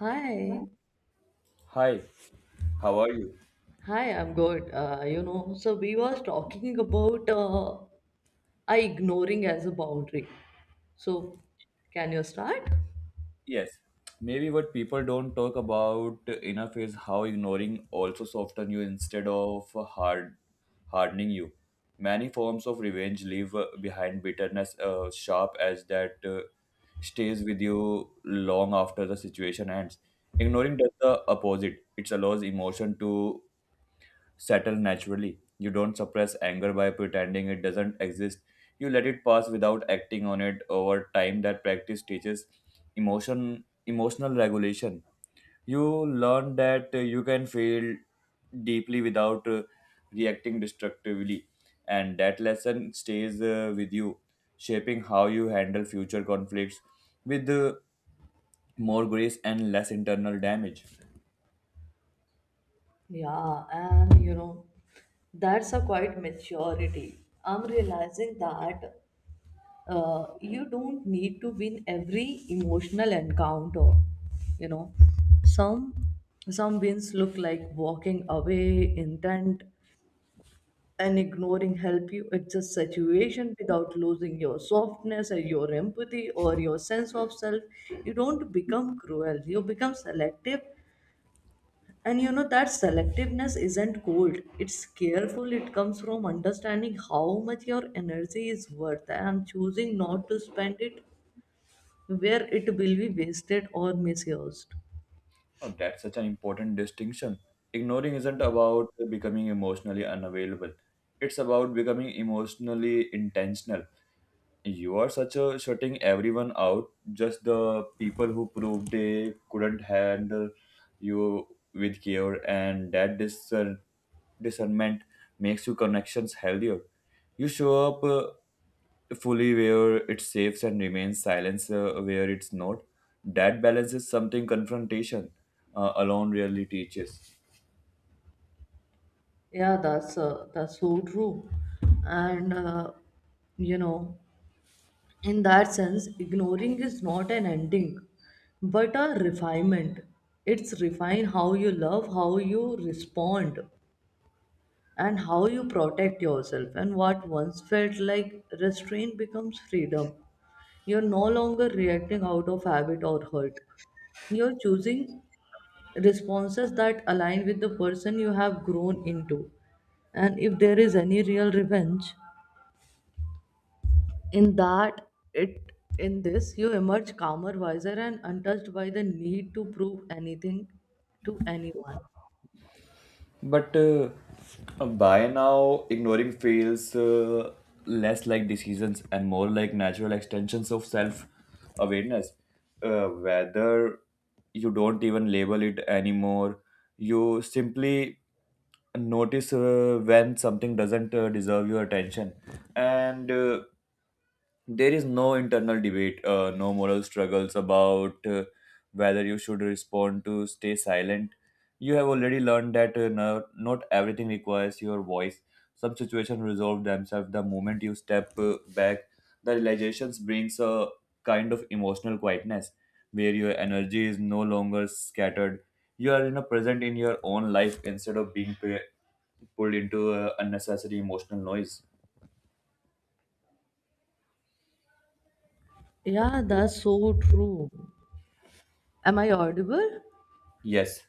Hi, Hi, how are you? hi, I'm good. You know, so we was talking about I ignoring as a boundary. So, can you start? Yes. Maybe what people don't talk about enough is how ignoring also softens you instead of hardening you. Many forms of revenge leave behind bitterness sharp as that stays with you long after the situation ends. Ignoring does the opposite. It allows emotion to settle naturally. You don't suppress anger by pretending it doesn't exist. You let it pass without acting on it over time. That practice teaches emotional regulation. You learn that you can feel deeply without reacting destructively, and that lesson stays with you, shaping how you handle future conflicts with more grace and less internal damage. Yeah, and you know, that's a quite maturity. I'm realizing that you don't need to win every emotional encounter. You know, some some wins look like walking away intent, and ignoring help you adjust situation without losing your softness or your empathy or your sense of self. You don't become cruel, you become selective. And you know, that selectiveness isn't cold, it's careful. It comes from understanding how much your energy is worth and choosing not to spend it where it will be wasted or misused. Oh, that's such an important distinction. Ignoring isn't about becoming emotionally unavailable. It's about becoming emotionally intentional. You are such a shutting everyone out, just the people who proved they couldn't handle you with care, and that discernment makes your connections healthier. You show up fully where it's safe and remains silence where it's not. That balance is something confrontation alone really teaches. Yeah, that's so true. And you know, in that sense, ignoring is not an ending, but a refinement. It's refine how you love, how you respond, and how you protect yourself. And what once felt like restraint becomes freedom. You're no longer reacting out of habit or hurt. You're choosing responses that align with the person you have grown into. And if there is any real revenge, in that, it, in this, you emerge calmer, wiser, and untouched by the need to prove anything to anyone. But By now, ignoring feels less like decisions and more like natural extensions of self awareness. Whether you don't even label it anymore, you simply notice when something doesn't deserve your attention. And There is no internal debate, no moral struggles about whether you should respond to stay silent. You have already learned that no, not everything requires your voice. Some situations resolve themselves the moment you step back. The realizations brings a kind of emotional quietness where your energy is no longer scattered. You are you know, present in your own life instead of being pulled into unnecessary emotional noise. Yeah, that's so true. Am I audible? Yes,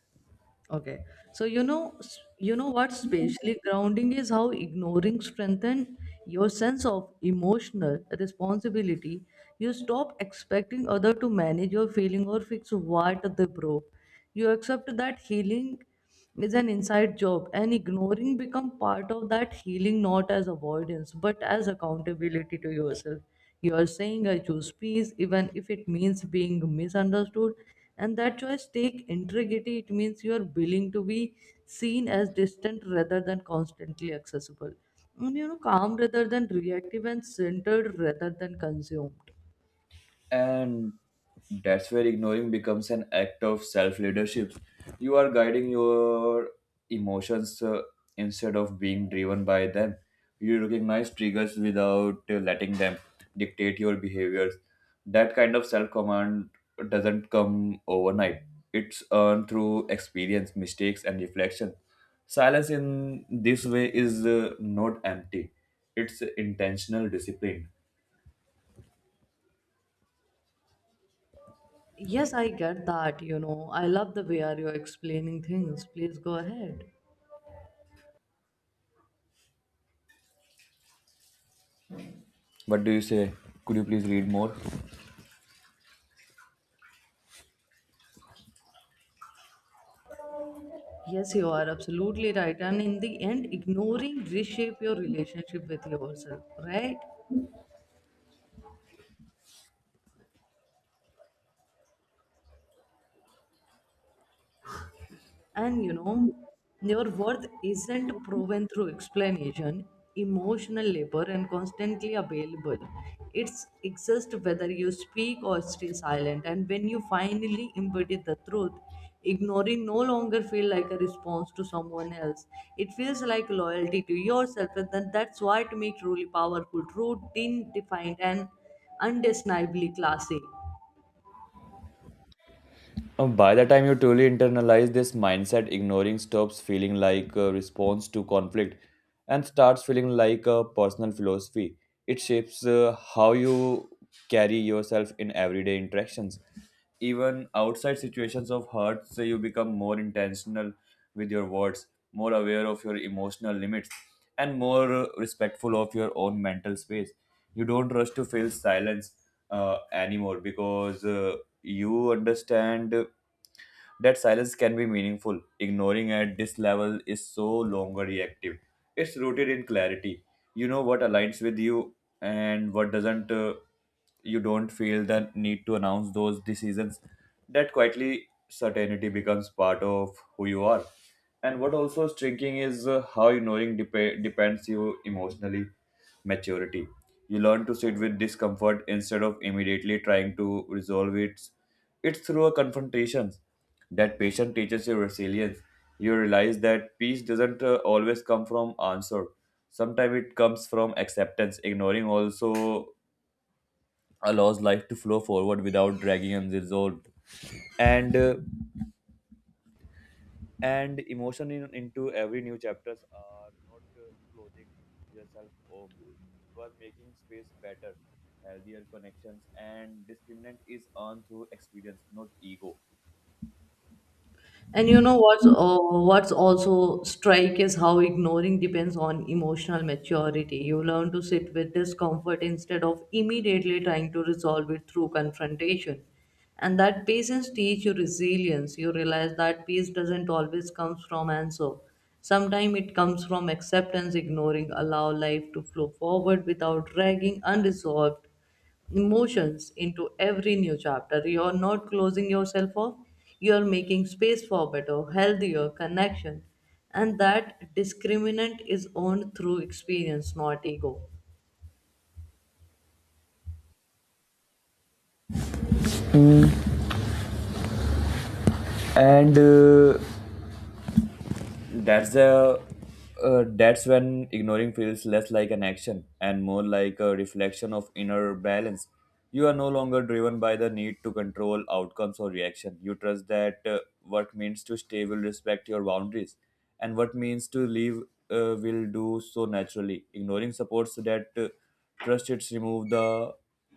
Okay. So you know, you know what spatially grounding is how ignoring strengthen your sense of emotional responsibility. You stop expecting other to manage your feeling or fix what they broke. You accept that healing is an inside job, and ignoring become part of that healing, not as avoidance but as accountability to yourself. You are saying, I choose peace even if it means being misunderstood. And that choice take integrity. It means you are willing to be seen as distant rather than constantly accessible, and you know, calm rather than reactive, and centered rather than consumed. and that's where ignoring becomes an act of self leadership. You are guiding your emotions instead of being driven by them. You recognize triggers without letting them dictate your behaviors. That kind of self command doesn't come overnight. It's earned through experience, mistakes and reflection. Silence in this way is not empty, it's intentional discipline. Yes, I get that. You know, I love the way are you explaining things. Please go ahead. What do you say? Could you please read more? Yes, you are absolutely right. And in the end, ignoring reshape your relationship with yourself, right? And you know, your worth isn't proven through explanation, emotional labor, and constantly available. It's exists whether you speak or stay silent. And when you finally embody the truth, ignoring no longer feel like a response to someone else. It feels like loyalty to yourself, and then that's what makes truly powerful, true, defined, and undeniably classy. By the time you truly internalize this mindset, ignoring stops feeling like a response to conflict and starts feeling like a personal philosophy. It shapes how you carry yourself in everyday interactions. Even outside situations of hurt, so you become more intentional with your words, more aware of your emotional limits, and more respectful of your own mental space. You don't rush to fill silence anymore because you understand that silence can be meaningful. Ignoring at this level is so longer reactive. It's rooted in clarity. You know what aligns with you and what doesn't. You don't feel the need to announce those decisions. That quietly certainty becomes part of who you are. And what also is shrinking is how ignoring depends you emotionally maturity. You learn to sit with discomfort instead of immediately trying to resolve it. It's through a confrontations that patience teaches you resilience. You realize that peace doesn't always come from answer. Sometimes it comes from acceptance. Ignoring also allows life to flow forward without dragging unresolved. And uh, and emotion in, into every new chapters are not closing yourself off. You are making space better, healthier connections, and discriminant is earned through experience, not ego. And you know what's also strike is how ignoring depends on emotional maturity. You learn to sit with discomfort instead of immediately trying to resolve it through confrontation. And that patience teach you resilience. You realize that peace doesn't always comes from answer. Sometimes it comes from acceptance. Ignoring, allow life to flow forward without dragging unresolved emotions into every new chapter. You're not closing yourself off, you're making space for better, healthier connection. And that discriminant is owned through experience, not ego. And that's the That's when ignoring feels less like an action and more like a reflection of inner balance. You are no longer driven by the need to control outcomes or reaction. You trust that what means to stay will respect your boundaries, and what means to leave will do so naturally. Ignoring supports that trust. It's remove the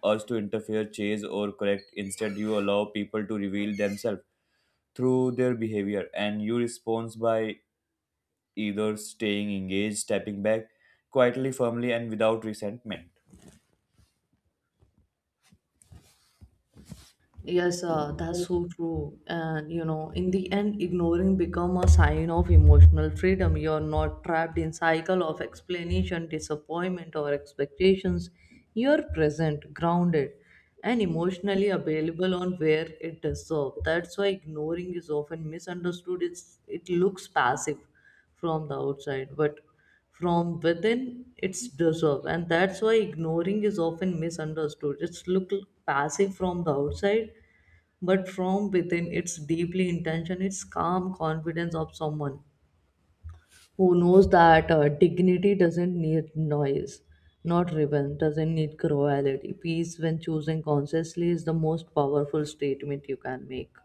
urge to interfere, chase or correct. Instead you allow people to reveal themselves through their behavior, and you respond by either staying engaged, stepping back quietly, firmly, and without resentment. Yes, that's so true. And you know, in the end, ignoring become a sign of emotional freedom. You're not trapped in cycle of explanation, disappointment, or expectations. You're present, grounded, and emotionally available on where it deserves. That's why ignoring is often misunderstood. It looks passive from the outside, but from within its deserve. And that's why ignoring is often misunderstood. It's look passive from the outside, but from within it's deeply intention. It's calm confidence of someone who knows that dignity doesn't need noise, not ribbon doesn't need cruelty. Peace when choosing consciously is the most powerful statement you can make.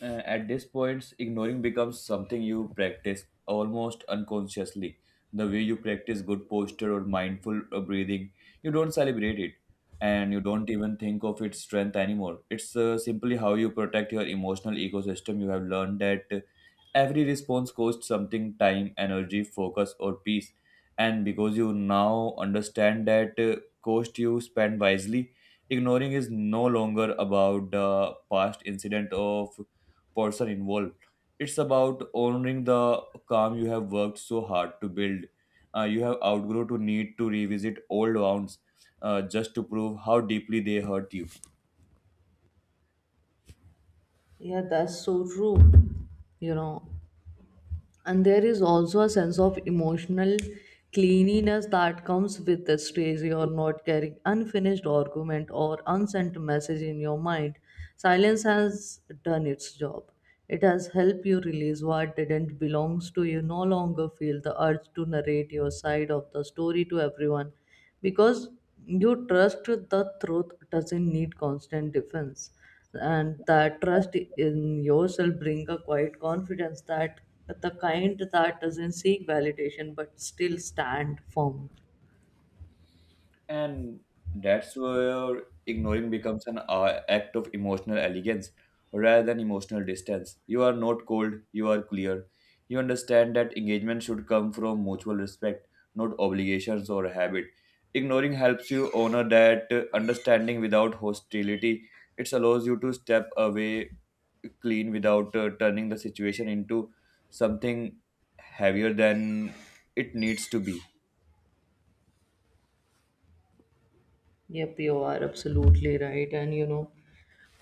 At this point, ignoring becomes something you practice almost unconsciously. The way you practice good posture or mindful breathing, you don't celebrate it and you don't even think of its strength anymore. It's simply how you protect your emotional ecosystem. You have learned that every response costs something: time, energy, focus, or peace. And because you now understand that cost, you spend wisely. Ignoring is no longer about the past incident of person involved. It's about honoring the calm you have worked so hard to build. You have outgrown to need to revisit old wounds just to prove how deeply they hurt you. Yeah, that's so true, you know. And there is also a sense of emotional cleanliness that comes with the stage. You're not carrying unfinished argument or unsent message in your mind. Silence has done its job. It has helped you release what didn't belongs to you. No longer feel the urge to narrate your side of the story to everyone, because you trust the truth doesn't need constant defense. And that trust in yourself bring a quiet confidence, that the kind that doesn't seek validation but still stand firm. And that's where ignoring becomes an act of emotional elegance rather than emotional distance. You are not cold, you are clear. You understand that engagement should come from mutual respect, not obligations or habit. Ignoring helps you honor that understanding without hostility. It allows you to step away clean without turning the situation into something heavier than it needs to be. Yep, you are absolutely right. And you know,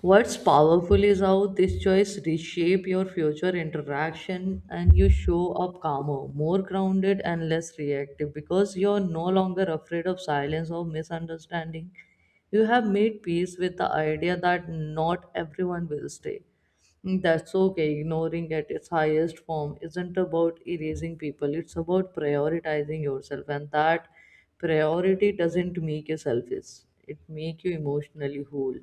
what's powerful is how this choice reshape your future interaction, and you show up calmer, more grounded, and less reactive because you're no longer afraid of silence or misunderstanding. You have made peace with the idea that not everyone will stay. That's okay. Ignoring at its highest form isn't about erasing people, it's about prioritizing yourself, and that priority doesn't make you selfish, it makes you emotionally whole.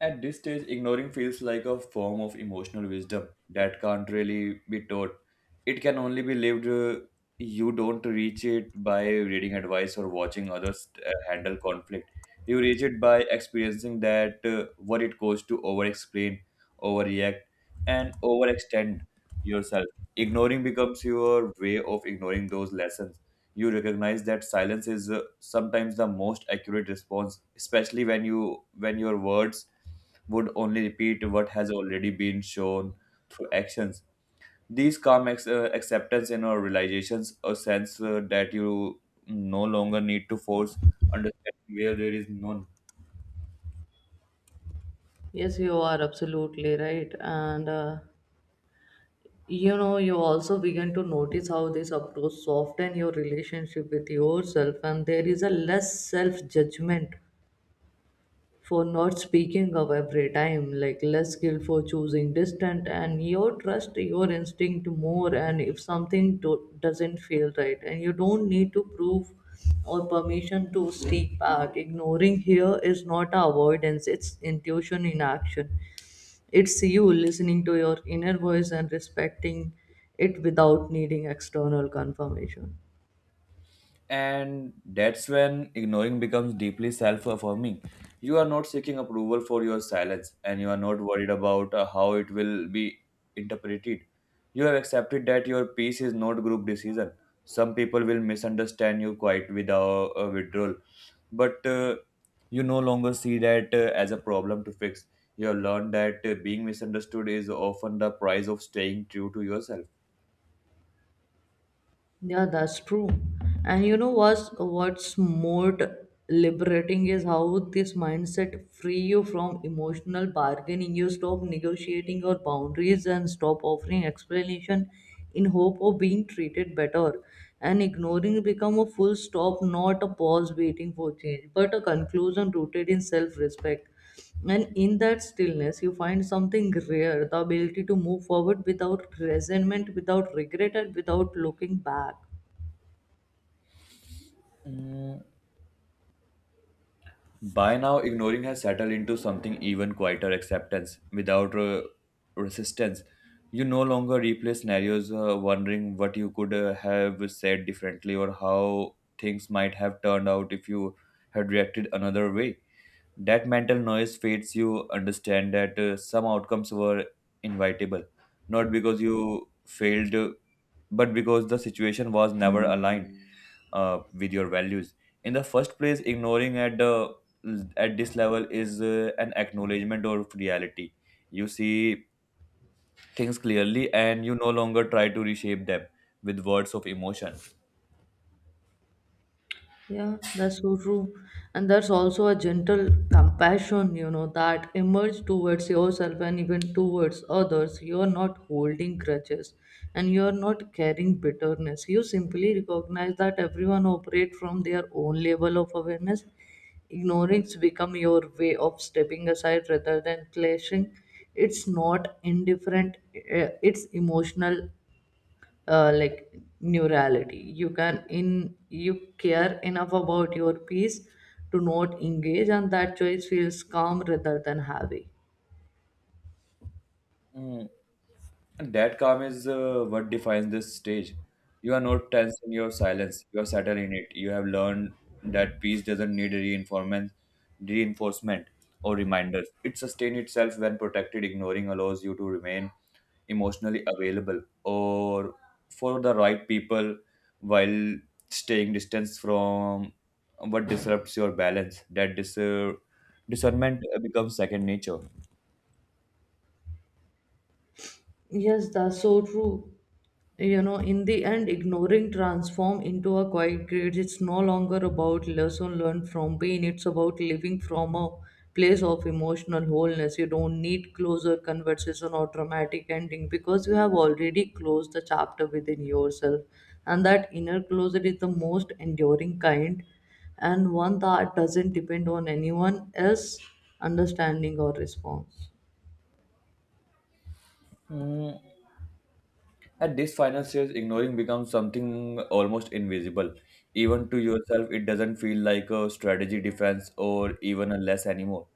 At this stage, ignoring feels like a form of emotional wisdom that can't really be taught. It can only be lived. You don't reach it by reading advice or watching others handle conflict. You reach it by experiencing that what it costs to over-explain, overreact, and overextend yourself. Ignoring becomes your way of ignoring those lessons. You recognize that silence is sometimes the most accurate response, especially when your words would only repeat what has already been shown through actions. These calm acceptance and or realizations, a sense that you no longer need to force understanding where there is none. Yes, you are absolutely right. And you know, you also begin to notice how this approach softens your relationship with yourself, and there is a less self judgment for not speaking up every time, like less guilt for choosing distant, and you trust your instinct more. And if something doesn't feel right, and you don't need to prove or permission to sneak back. Ignoring here is not avoidance, it's intuition in action. It's you listening to your inner voice and respecting it without needing external confirmation. And that's when ignoring becomes deeply self affirming. You are not seeking approval for your silence, and you are not worried about how it will be interpreted. You have accepted that your peace is not group decision. Some people will misunderstand you quite without a withdrawal, but you no longer see that as a problem to fix. You have learned that being misunderstood is often the price of staying true to yourself. Yeah, that's true. And you know what's more liberating is how this mindset free you from emotional bargaining. You stop negotiating your boundaries and stop offering explanation in hope of being treated better. And ignoring become a full stop, not a pause waiting for change, but a conclusion rooted in self-respect. And in that stillness, you find something rare, the ability to move forward without resentment, without regret, and without looking back. Mm, by now, ignoring has settled into something even quieter acceptance without resistance. You no longer replay scenarios wondering what you could have said differently or how things might have turned out if you had reacted another way. That mental noise fades. You understand that some outcomes were inevitable, not because you failed, but because the situation was never aligned with your values. In the first place, ignoring at this level is an acknowledgement of reality. You see things clearly, and you no longer try to reshape them with words of emotion. Yeah, that's so true. And there's also a gentle compassion, you know, that emerges towards yourself and even towards others. You're not holding grudges and you're not carrying bitterness. You simply recognize that everyone operates from their own level of awareness. Ignorance become your way of stepping aside rather than clashing. It's not indifferent, it's emotional, like, neurality. You can in you care enough about your peace to not engage, and that choice feels calm rather than heavy. Mm, and that calm is what defines this stage. You are not tense in your silence. You are settled in it. You have learned that peace doesn't need reinforcement, reinforcement or reminders. It sustains itself when protected. Ignoring allows you to remain emotionally available or for the right people while staying distance from what disrupts your balance. That discernment becomes second nature. Yes, that's so true. You know, in the end, ignoring transform into a quiet grade. It's no longer about lesson learned from pain. It's about living from a place of emotional wholeness. You don't need closer conversation or dramatic ending because you have already closed the chapter within yourself. And that inner closure is the most enduring kind, and one that doesn't depend on anyone else understanding or response. Hmm, at this final stage, ignoring becomes something almost invisible. Even to yourself, it doesn't feel like a strategy defense or even a less anymore.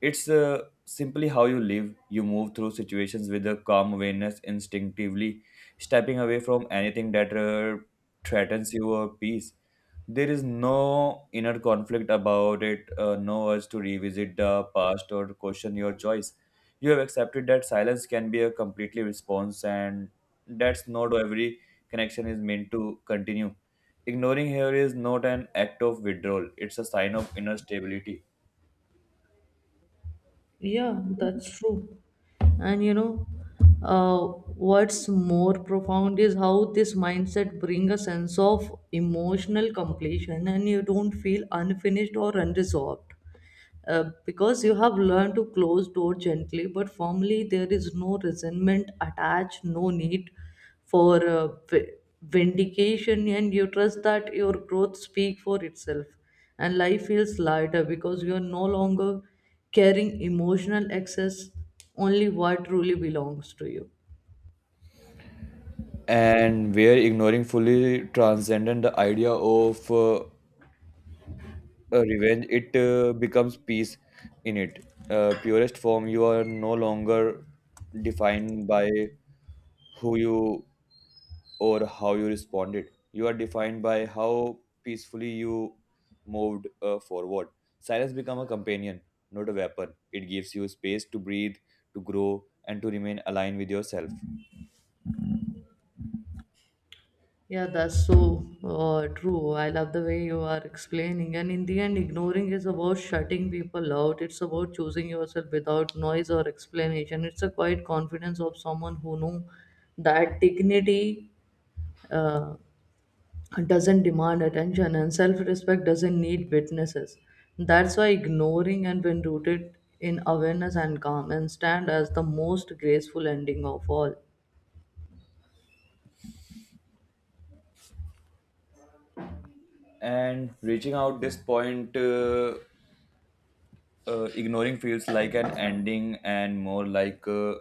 It's simply how you live. You move through situations with a calm awareness, instinctively stepping away from anything that threatens your peace. There is no inner conflict about it, no urge to revisit the past or question your choice. You have accepted that silence can be a completely response, and that's not every connection is meant to continue. Ignoring here is not an act of withdrawal, it's a sign of inner stability. Yeah, that's true. And you know, uh, what's more profound is how this mindset brings a sense of emotional completion, and you don't feel unfinished or unresolved because you have learned to close door gently but firmly. There is no resentment attached, no need for vindication, and you trust that your growth speak for itself. And life feels lighter because you are no longer carrying emotional excess, only what truly belongs to you. And where ignoring fully transcendent the idea of revenge, it becomes peace in it purest form. You are no longer defined by who you or how you responded. You are defined by how peacefully you moved forward. Silence become a companion, not a weapon. It gives you space to breathe, to grow and to remain aligned with yourself. Yeah, that's so true. I love the way you are explaining. And in the end, ignoring is about shutting people out. It's about choosing yourself without noise or explanation. It's a quiet confidence of someone who knew that dignity uh, doesn't demand attention, and self respect doesn't need witnesses. That's why ignoring and when rooted in awareness and calm and stand as the most graceful ending of all. And reaching out this point ignoring feels like an ending and more like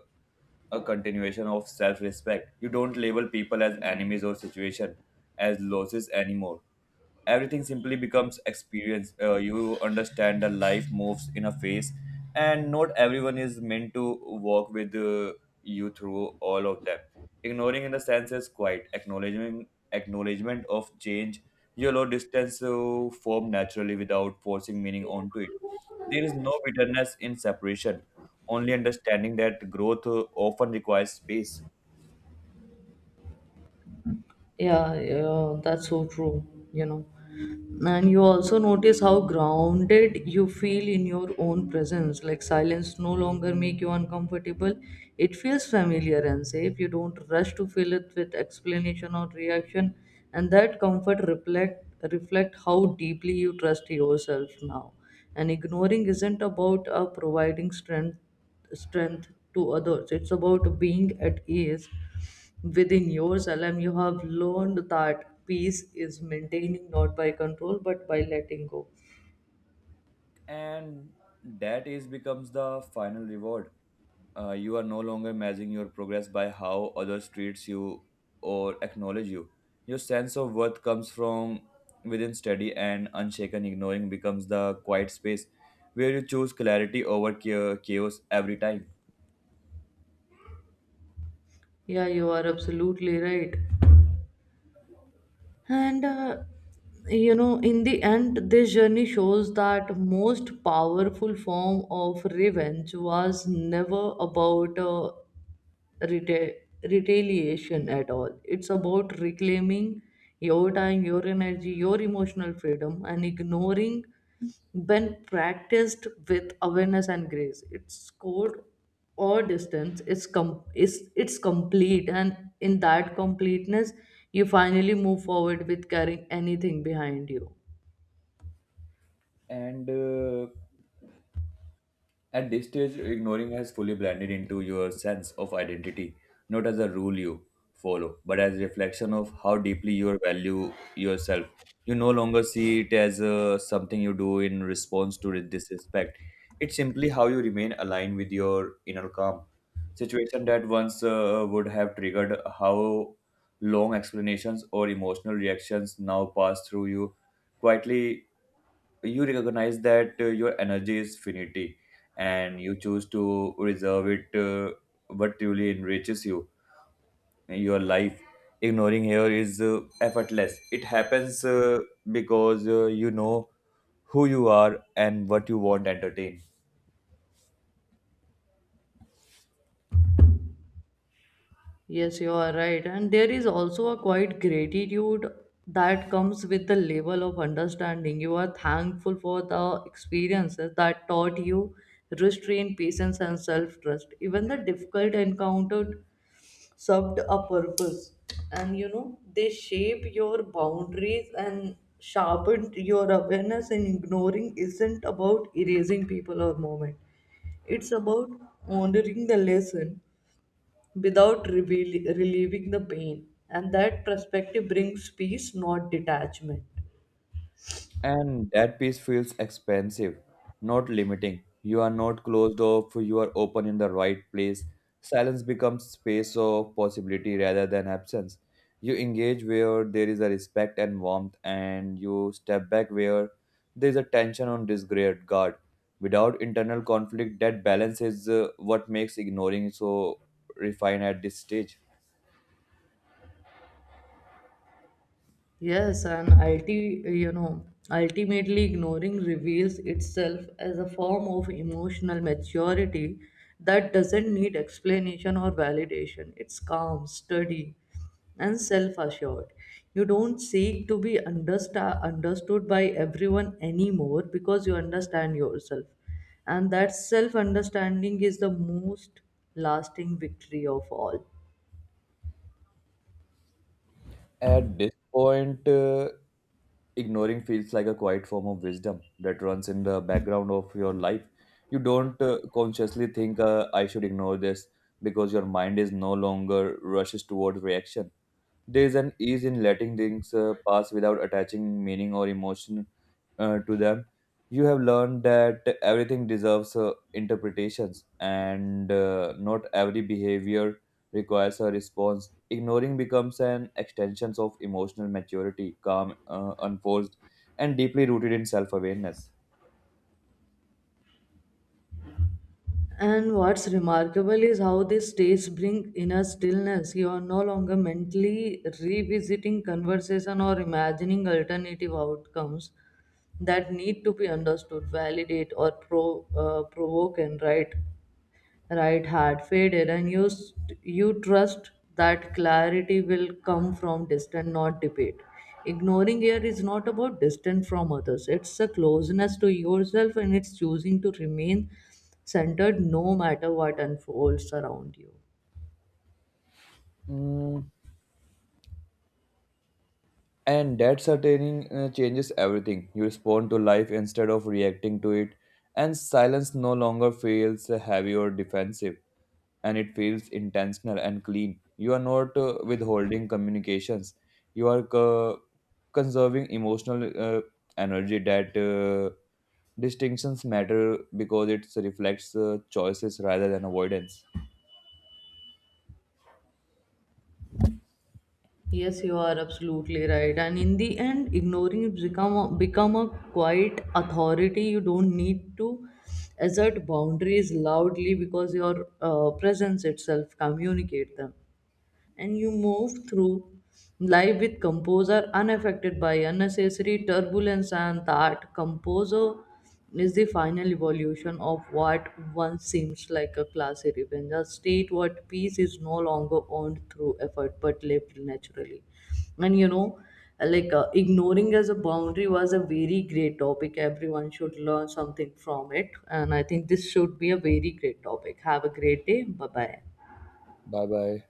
a continuation of self respect. You don't label people as enemies or situation as losses anymore. Everything simply becomes experience. You understand that life moves in a phase, and not everyone is meant to walk with you through all of them. Ignoring in the sense is quite acknowledgement, acknowledgement of change. You allow distance to form naturally without forcing meaning onto it. There is no bitterness in separation, only understanding that growth often requires space. Yeah, yeah, that's so true, you know. And you also notice how grounded you feel in your own presence. Like silence no longer make you uncomfortable. It feels familiar and safe. You don't rush to fill it with explanation or reaction. And that comfort reflect how deeply you trust yourself now. And ignoring isn't about providing strength to others. It's about being at ease within your alum. You have learned that peace is maintaining not by control but by letting go. And that is becomes the final reward. You are no longer measuring your progress by how others treats you or acknowledge you. Your sense of worth comes from within steady and unshaken. Ignoring becomes the quiet space where you choose clarity over chaos every time. Yeah, you are absolutely right. And you know, in the end, this journey shows that most powerful form of revenge was never about reta- retaliation at all. It's about reclaiming your time, your energy, your emotional freedom, and ignoring when practiced with awareness and grace. It's code or distance is it's complete, and in that completeness, you finally move forward with carrying anything behind you. And At this stage, ignoring has fully blended into your sense of identity, not as a rule you follow, but as reflection of how deeply you value yourself. You no longer see it as something you do in response to disrespect. It's simply how you remain aligned with your inner calm. Situation that once would have triggered how long explanations or emotional reactions now pass through you quietly. You recognize that your energy is finite, and you choose to reserve it what truly enriches you your life. Ignoring here is effortless. It happens because you know who you are and what you want to entertain. Yes, you are right. And there is also a quiet gratitude that comes with the level of understanding. You are thankful for the experiences that taught you restraint, patience, and self trust. Even the difficult encountered served a purpose. And you know, they shape your boundaries and sharpened your awareness. And ignoring isn't about erasing people or moment, it's about honoring the lesson without relieving the pain. And that perspective brings peace, not detachment. And that piece feels expansive, not limiting. You are not closed off, you are open in the right place. Silence becomes space of possibility rather than absence. You engage where there is a respect and warmth, and you step back where there is a tension on disregard. Without internal conflict, that balance is what makes ignoring so refined at this stage. Yes, and you know, ultimately ignoring reveals itself as a form of emotional maturity that doesn't need explanation or validation. It's calm, steady, and self-assured. You don't seek to be understood by everyone anymore because you understand yourself. And that self-understanding is the most lasting victory of all. At this point, ignoring feels like a quiet form of wisdom that runs in the background of your life. You don't consciously think, I should ignore this because your mind is no longer rushes toward reaction. There is an ease in letting things pass without attaching meaning or emotion to them. You have learned that everything deserves interpretations, and not every behavior requires a response. Ignoring becomes an extension of emotional maturity, calm, unforced, and deeply rooted in self awareness. And what's remarkable is how these states bring inner stillness. You are no longer mentally revisiting conversation or imagining alternative outcomes that need to be understood, validate, or provoke. And right had faded, and you trust that clarity will come from distance, not debate. Ignoring air is not about distance from others, it's a closeness to yourself, and it's choosing to remain centered no matter what unfolds around you. And that certainty changes everything. You respond to life instead of reacting to it, and silence no longer feels heavy or defensive, and it feels intentional and clean. You are not withholding communications, you are conserving emotional energy. That distinctions matter because it reflects choices rather than avoidance. Yes, you are absolutely right. And in the end, become a quiet authority. You don't need to assert boundaries loudly because your presence itself communicate them. And you move through life with composer unaffected by unnecessary turbulence, and that composer is the final evolution of what once seems like a classy revenge, a state what peace is no longer earned through effort but lived naturally. And you know, like, ignoring as a boundary was a very great topic. Everyone should learn something from it, and I think this should be a very great topic. Have a great day. Bye bye. Bye bye.